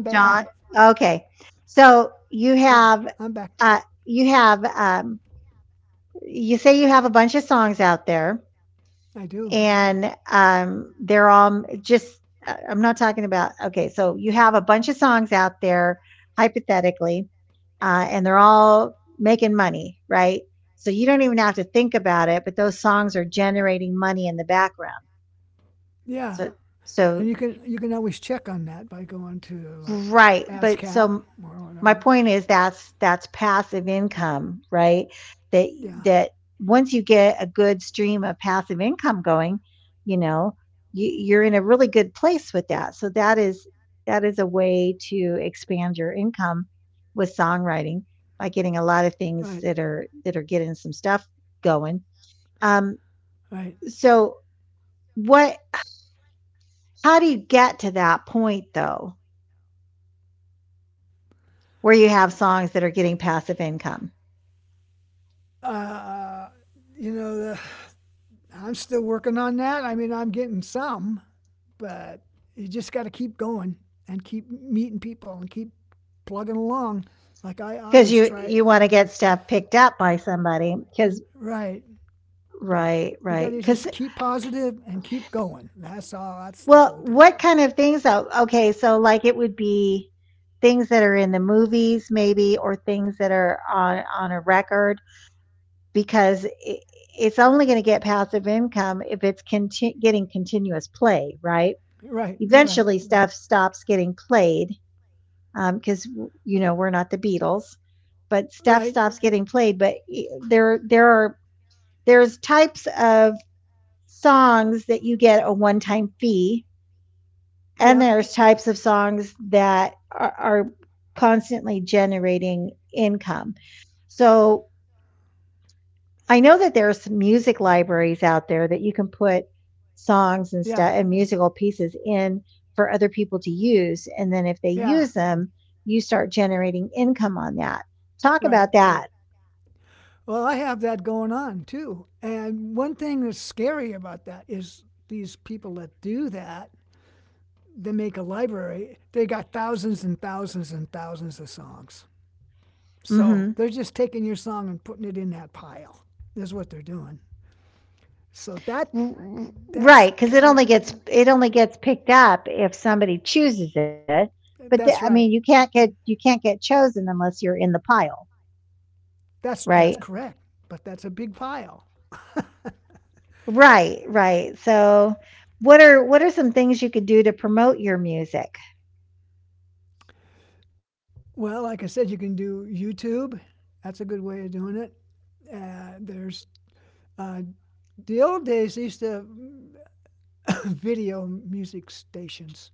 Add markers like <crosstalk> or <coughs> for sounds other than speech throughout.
Yeah, I'm back. I, I'm back. I do. Yeah, and you can always check on that by going to like ASCAP or whatever. Yeah, right, right. Uh, you know, the, I'm still working on that. I mean, I'm getting some, but you just got to keep going and keep meeting people and keep plugging along, like I always try. Right? Yeah. You got to just keep positive and keep going. That's all. That's the whole deal. Right. Right. Right. Yep. Yeah. Yeah. Right. Well, I have that going on too. And one thing that's scary about that is these people that do that, they make a library, they got thousands and thousands and thousands of songs. So they're just taking your song and putting it in that pile. Is what they're doing. So that that's kind of, that's right. That's correct. But that's a big pile. Well, like I said, you can do YouTube. That's a good way of doing it. Uh, there's uh, the old days they used to have <coughs> video music stations,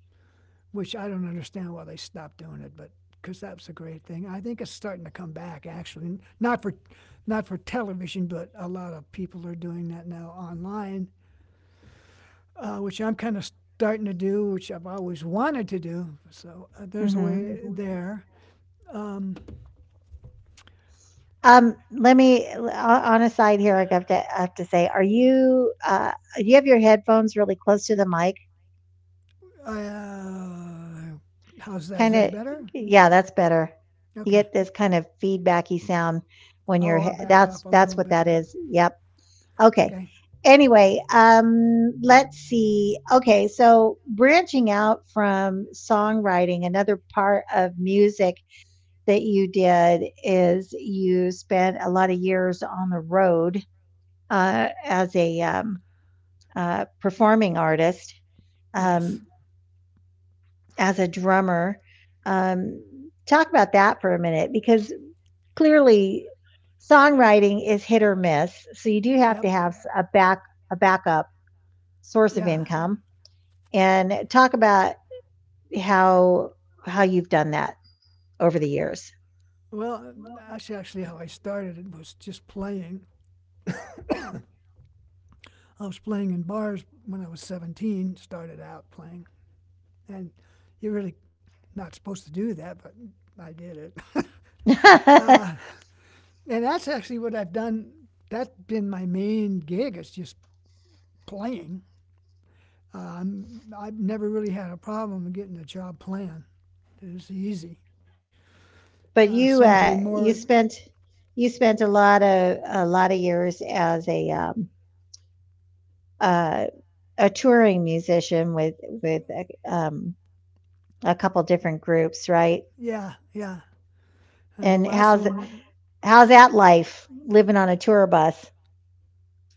which I don't understand why they stopped doing it, but because that was a great thing. I think it's starting to come back actually, not for not for television, but a lot of people are doing that now online, which I'm kind of starting to do, which I've always wanted to do. So there's a way there. Um, I, uh, how's that? Is that better? Okay. Oh, I back off a little bit. Okay. Yes. Yep. Yeah. Well, that's actually how I started. It was just playing. I was playing in bars when I was 17, started out playing. And you're really not supposed to do that, but I did it. <laughs> uh, and that's actually what I've done. That's been my main gig, it's just playing. I've never really had a problem getting a job playing. It's easy. Some pay more. Yeah, yeah. And the last one.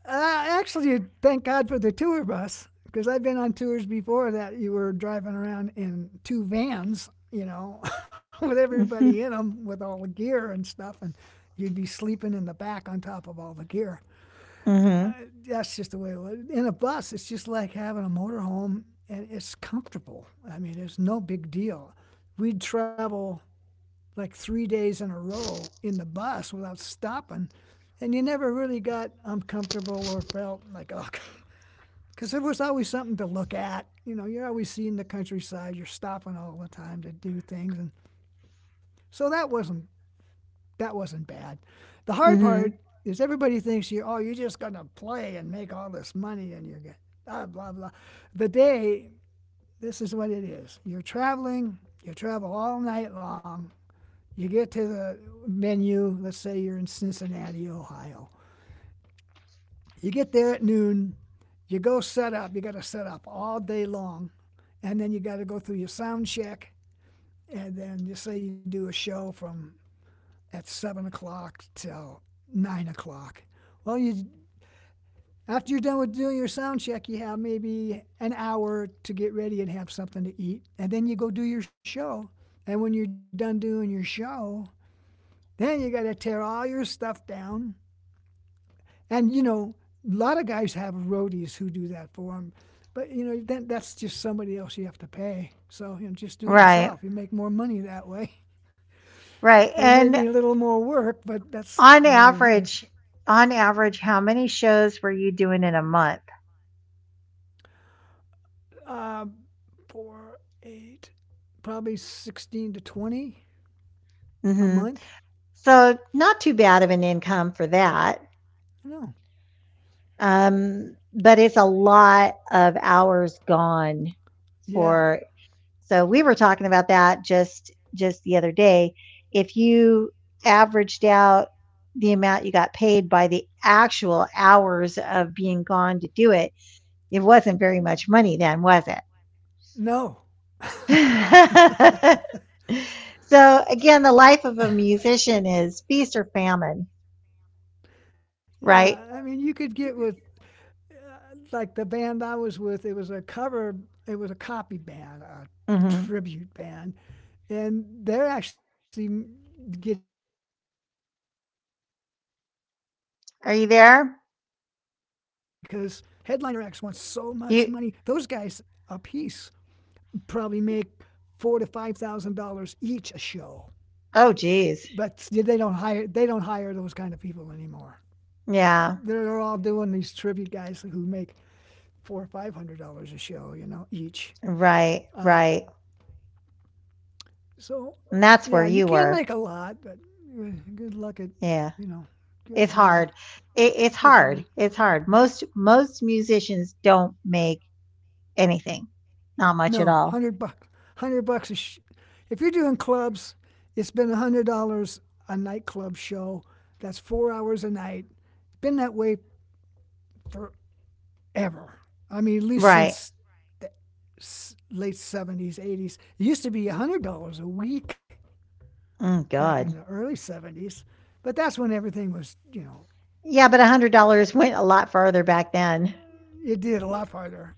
Uh, actually, thank God for the tour bus because I've been on tours before that you were driving around in two vans, you know, <laughs> with everybody in them with all the gear and stuff, and you'd be sleeping in the back on top of all the gear. Uh, that's just the way it was. In a bus, it's just like having a motorhome, and it's comfortable. I mean, it's no big deal. We'd travel like 3 days in a row in the bus without stopping. And you never really got uncomfortable or felt like, oh, <laughs> because there was always something to look at. You know, you're always seeing the countryside. You're stopping all the time to do things, and so that wasn't bad. The hard part is everybody thinks you oh you're just gonna play and make all this money and you're going blah blah blah. The day this is what it is. You're traveling. You travel all night long. You get to the menu, let's say you're in Cincinnati, Ohio. You get there at noon, you go set up, you got to set up all day long, and then you got to go through your sound check, and then just say you do a show from at 7 o'clock till 9 o'clock. Well, you after you're done with doing your sound check, you have maybe an hour to get ready and have something to eat, and then you go do your show. And when you're done doing your show, then you got to tear all your stuff down. And, a lot of guys have roadies who do that for them. But, that's just somebody else you have to pay. So, just do it yourself. You make more money that way. <laughs> It may be a little more work, but that's the way it is. Uh, four, eight, probably 16 to 20 a month. No. Yeah. No. Yeah. I mean, you could get with like the band I was with, it was a copy band, a tribute band, and they're actually getting hired more than the headliner acts because headliner acts want so much money. Those guys a piece probably make four to five thousand dollars each a show, but they don't hire those kind of people anymore. They're all doing these tribute guys who make four or five hundred dollars a show, each. Uh, so, yeah, you can make a lot, but good luck at, you know, getting hired. It's hard. No, 100 bucks, 100 bucks if you're doing clubs, it's been $100 a nightclub show. That's 4 hours a night. It's been that way forever. I mean, at least since the late '70s, '80s. It used to be $100 a week, back in the early '70s. But that's when everything was, you did a lot farther.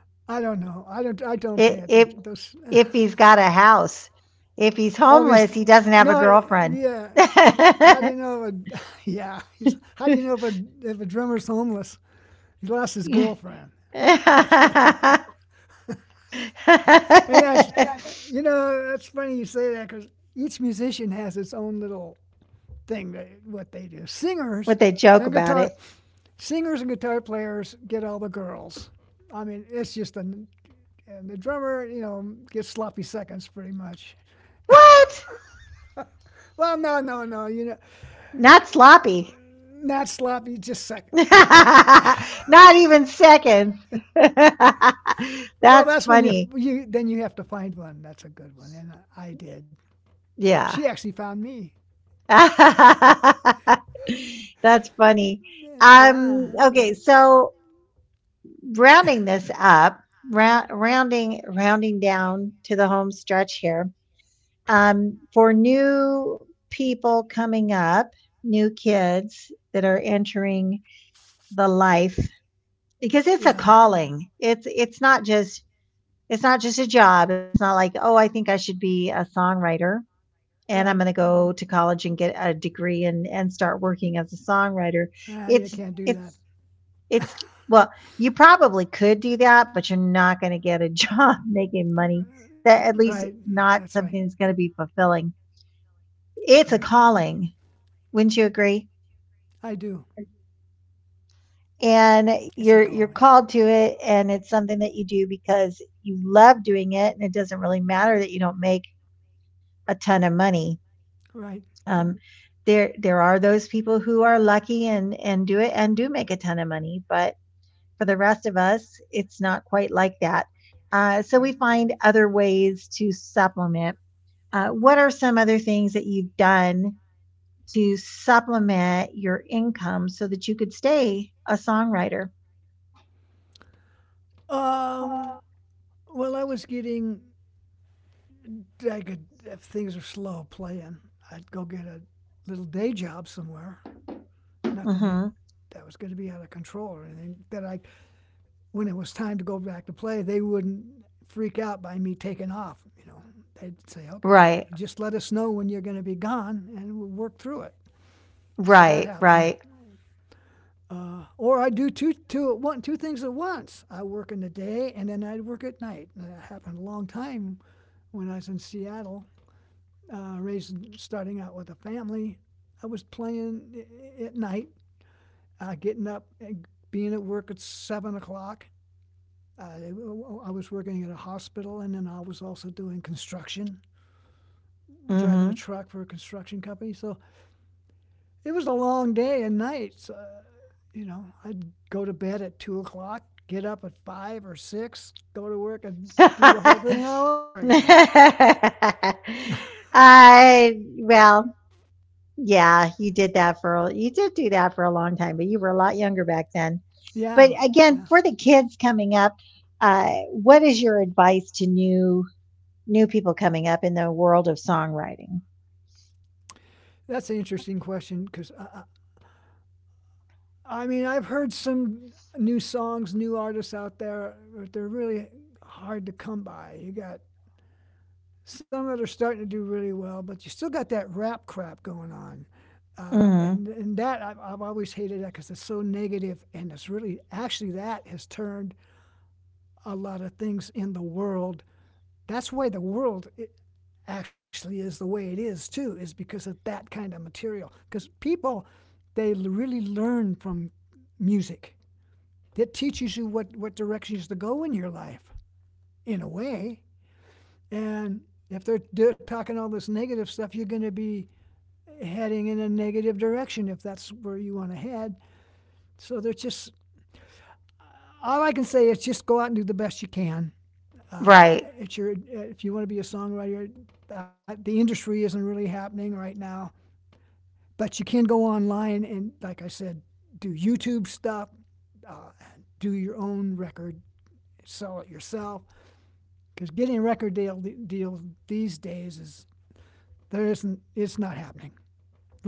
<laughs> I don't know. I don't. I don't pay attention. Those <laughs> obvious. No. Yeah. How do you know? If a, <laughs> yeah. How do you know if a drummer's homeless? He lost his girlfriend. <laughs> That's what. And that's, that's funny you say that because each musician has its own little thing that what they do. Singers and guitar. Singers and guitar players get all the girls. I mean, it's just a and the drummer, gets sloppy seconds pretty much. Well, no, no, no, not sloppy, just sec. Well, that's when you then you have to find one. That's a good one, and I did. She actually found me. Yeah, yeah, right. Ah, you can't do that. Right, that's right. Correct. I do. It's a calling. Right, right. Um. Well, I was getting I could, if things are slow playing, I'd go get a little day job somewhere. Nothing that was going to be out of control or anything. When it was time to go back to play, they wouldn't freak out by me taking off. You know, they'd say, "Okay, just let us know when you're going to be gone, and we'll work through it." So that happened. Or I do two things at once. I work in the day and then I'd work at night. And that happened a long time when I was in Seattle starting out with a family. I was playing at night, getting up and being at work at 7 o'clock. Uh, I was working at a hospital, and then I was also doing construction, driving a truck for a construction company. So it was a long day and nights. I'd go to bed at 2 o'clock, get up at five or six, go to work, and do the whole thing all over again. Yeah, yeah. That's an interesting question because I mean, I've heard some new songs, new artists out there, but they're really hard to come by. You got some that are starting to do really well, but you still got that rap crap going on. And that I've always hated that because it's so negative, and it's really actually that has turned a lot of things in the world. That's why the world I actually is the way it is too, is because of that kind of material. Because people, they really learn from music. It teaches you what directions to go in your life, in a way. And if they're talking all this negative stuff, you're going to be heading in a negative direction if that's where you want to head. So they're just all I can say is just go out and do the best you can. Uh, Right. it's your if you want to be a songwriter, the industry isn't really happening right now, but you can go online and, like I said, do YouTube stuff, uh, do your own record, sell it yourself. Because getting a record deal these days is there isn't it's not happening.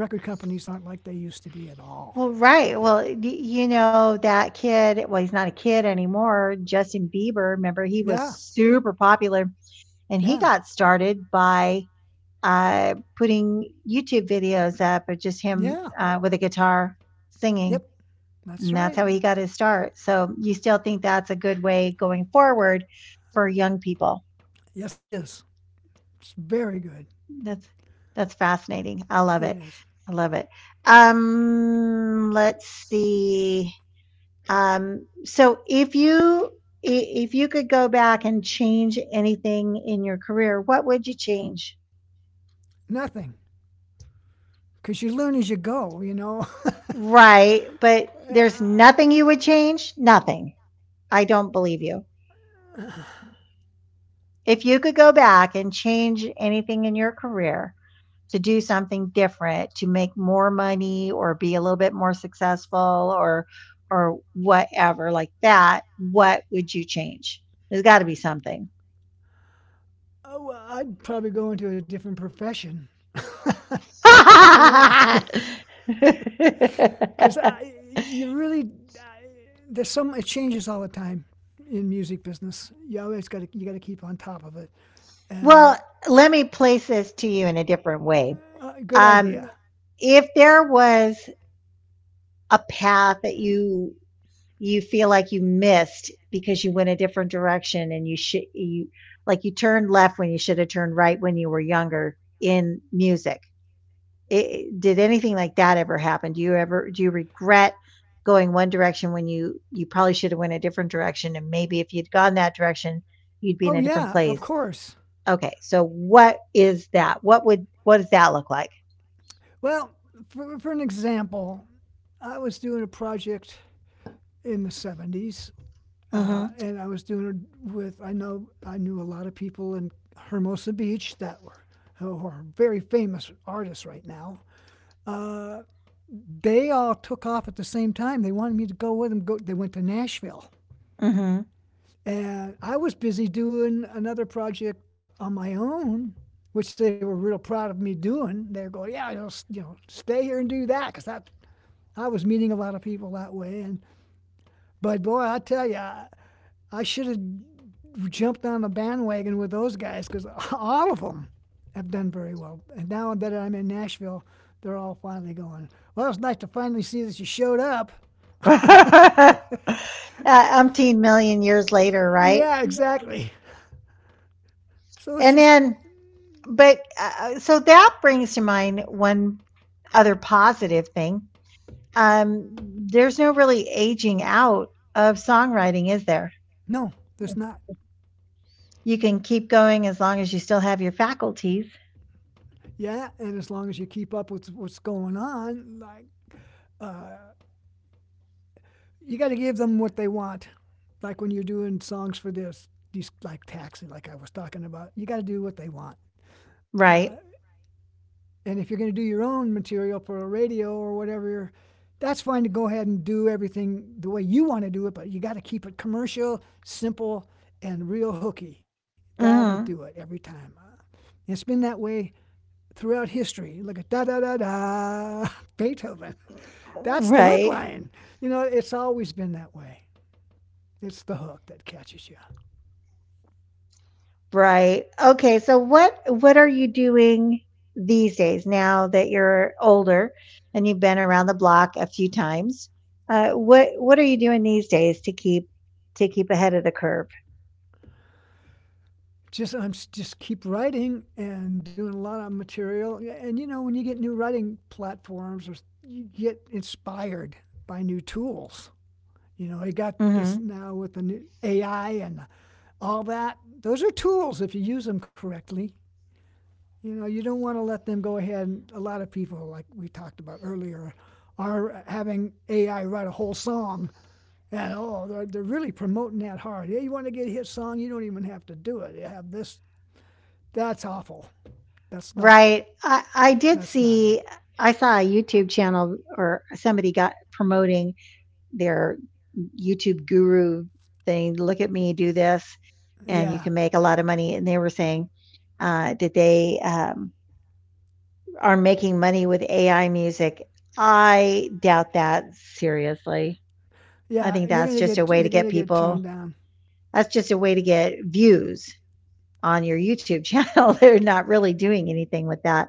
Record companies aren't like they used to be at Well, all. right. Well, that kid, well, he's not a kid anymore, Justin Bieber, remember he was Yeah, super popular, and he yeah, got started by putting YouTube videos up of just him, yeah. With a guitar singing, Yep, that's and that's right. how he got his start. So, you still think that's a good way going Yeah. forward for young people. Yes, it is. It's very good. That's that's fascinating. I love it. It is I love it. Let's see. So if you could go back and change anything in your career, what would you change? nothing because you learn as you go. You know. <laughs> Right, but there's uh, nothing you would change? Nothing. I don't believe you. If you could go back and change anything in your career to do something different, to make more money or be a little bit more successful or whatever like that, what would you change? There's got to be something. oh, well, I'd probably go into a different profession. <laughs> I <laughs> mean, <laughs> because you really I, there's some it changes all the time in music business. You always got to you got to keep on top of it. Well, And let me place this to you in a different way. Good Um, idea. if there was a path that you feel like you missed because you went a different direction and you like you turned left when you should have turned right when you were younger in music I did anything like that ever happen? Do you regret going one direction when you probably should have went a different direction and maybe if you'd gone that direction, you'd be in Oh a different yeah, of place? course. Okay. So what is that? What does that look like? Well, for an example, I was doing a project in the '70s, Mhm. and I was doing it with I knew a lot of people in Hermosa Beach that were who are very famous artists right now. Uh, They all took off at the same time. They wanted me to go with them. Go, they went to Nashville. Mhm. And I was busy doing another project on my own, which they were real proud of me doing. They're going, yeah, stay here and do that, because that I was meeting a lot of people that way. And but boy, I tell you, I should have jumped on the bandwagon with those guys because <laughs> all of them have done very well. And now that I'm in Nashville, they're all finally going, well, it's nice to finally see that you showed up. <laughs> <laughs> uh, umpteen million years later, right? Yeah, exactly. So And then but so that brings to mind one other positive thing. um, there's no really aging out of songwriting, is there? no, there's not. You can keep going as long as you still have your faculties, Yeah, and as long as you keep up with what's going on, uh, you got to give them what they want. Like when you're doing songs for these like taxi, like I was talking about, you got to do what they want. Uh, right? And if you're going to do your own material for a radio or whatever, that's fine to go ahead and do everything the way you want to do it, but you got to keep it commercial, simple, and real hooky. That'll do it Mhm. every time. It's been that way throughout history. Look at da da da da Beethoven. That's the hook Right, line. You know, it's always been that way. It's the hook that catches you. right. Okay, so what are you doing these days now that you're older and you've been around the block a few times? What are you doing these days to keep ahead of the curve? Just I'm just keep writing and doing a lot of material. Yeah, and you know, when you get new writing platforms, you get inspired by new tools. You know, you got this Hmm. now with the new AI and all that. Those are tools if you use them correctly. You know, you don't want to let them go ahead. And a lot of people, like we talked about earlier, are having AI write a whole song. And oh, they're really promoting that hard. Yeah, you want to get a hit song, you don't even have to do it. You have this that's awful. That's not. Right. I That's did not it. see I saw a YouTube channel or somebody got promoting their YouTube guru thing. Look at me, do this, and you Yeah, can make a lot of money. And they were saying that they are making money with AI music. I doubt that seriously. I yeah. think You're that's gonna just a get way to you're get gonna get turned people, down. that's just a way to get views on your YouTube channel. <laughs> They're not really doing anything with that.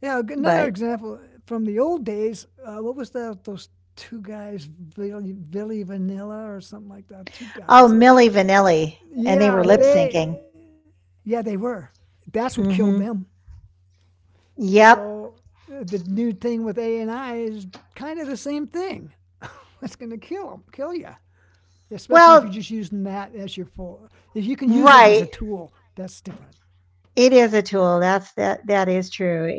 Yeah. Another But example from the old days. What was that? Those two guys, Billy Vanilla or something like that. Two oh, guys. Millie Vanilli, and they were Yeah, lip they. syncing. Yeah, they were. That's what killed Hmm. them. Yep. So the new thing with A and I is kind of the same thing. <laughs> That's gonna kill kill them. Kill you, especially if you're Well, just using that as your full. If you can use it as a right. tool, that's different, It is a tool. That is true.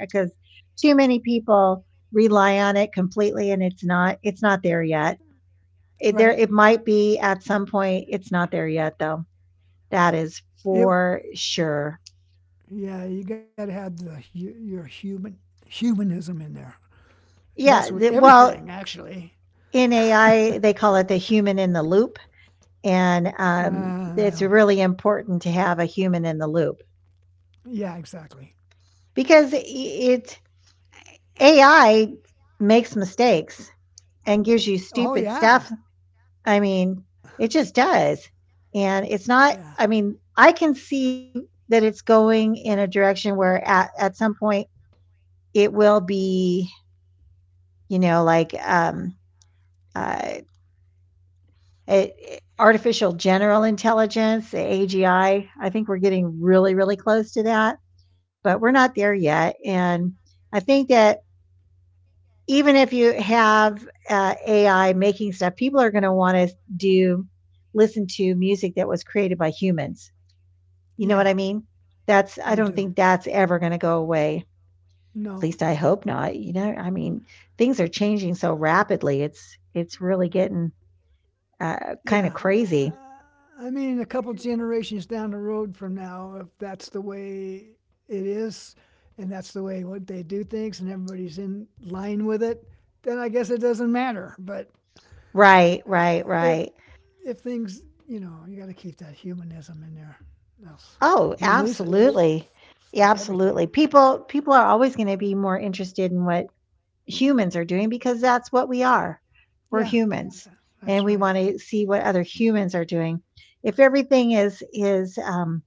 Because too many people rely on it completely and it's not there yet. It there right? it might be at some point. It's not there yet though. That is It for sure. yeah, you got to have the your humanism in there. That's Yeah, with well, everything, actually. in AI they call it the human in the loop and Uh, it's well, really important to have a human in the loop yeah, exactly. because it AI makes mistakes and gives you Oh stupid stuff. I mean, it just does. And it's not, yeah, I mean, I can see that it's going in a direction where at some point it will be, you know, like uh, artificial general intelligence, AGI. I think we're getting really, really close to that, but we're not there yet. And I think that even if you have AI making stuff, people are going to want to do listen to music that was created by humans. You know yeah. what I mean? That's I I do. don't think that's ever gonna go away. At No, least I hope not, you know? I mean, things are changing so rapidly. It's really getting, kinda yeah. crazy. I mean, a couple generations down the road from now, if that's the way it is and that's the way what they do things and everybody's in line with it, then I guess it doesn't matter. But Right, right, if right. if things, you know, you got to keep that humanism in there. Else Oh, you lose it. Absolutely. It's Yeah, like everything. absolutely. People are always gonna be more interested in what humans are doing because that's what we are. We're Yeah, humans, and that's we right. wanna see what other humans are doing. If everything is is, um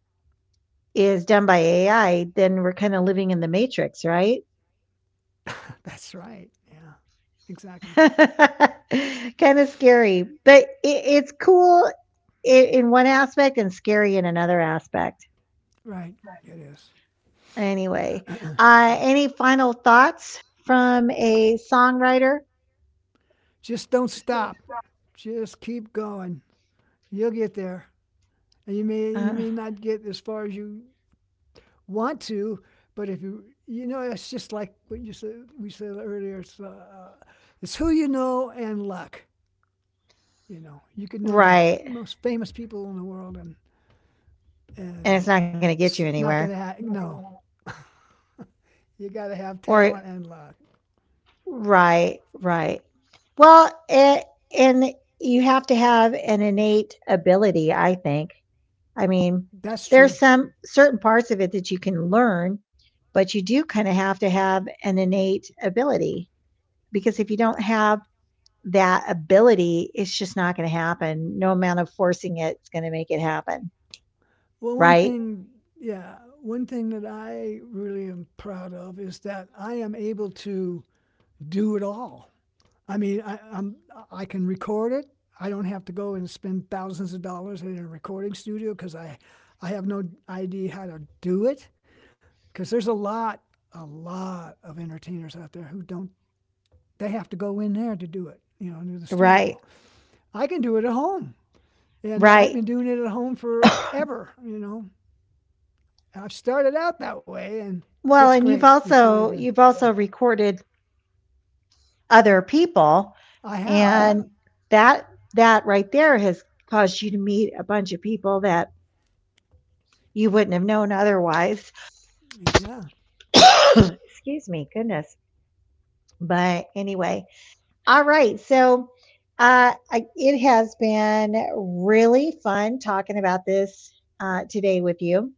is done by AI, then we're kind of living in the matrix, right? <laughs> That's right. Yeah. Exactly. <laughs> Kind of scary, but it's cool in one aspect and scary in another aspect. Right. It is. Anyway, <clears throat> any final thoughts from a songwriter? Just don't stop. Just keep going. You'll get there. And you may you Uh, may not get as far as you want to, but if you you know it's just like what you said we said earlier. It's who you know and luck. You know you could know the right. most famous people in the world and And it's and not going to get you it's not anywhere. gonna happen. No, you got to have Or, talent and luck. right, right. Well, and you have to have an innate ability, I think, I mean, That's there's true. some certain parts of it that you can learn, but you do kind of have to have an innate ability because if you don't have that ability, it's just not going to happen. No amount of forcing it's going to make it happen. Well, one Right? thing, yeah, one thing that I really am proud of is that I am able to do it all. I mean, I can record it. I don't have to go and spend thousands of dollars in a recording studio because I have no idea how to do it. Because there's a lot of entertainers out there who don't, they have to go in there to do it, you know, into the Right. studio. I can do it at home. And I've Right. been doing it at home <coughs> forever, you know. I've started out that way and Well, it's and great. It's really good. you've also recorded other people I have. and that that right there has caused you to meet a bunch of people that you wouldn't have known otherwise. Yeah. <coughs> Excuse me, goodness. But anyway, all right. So it has been really fun talking about this today with you.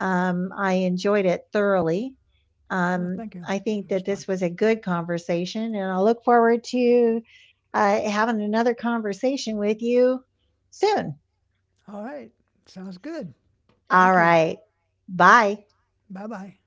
I enjoyed it thoroughly. No, thank you. I It think was that fun. this was a good conversation, and I look forward to having another conversation with you soon. All right. Sounds good. All Thank you. right. Bye. Bye bye.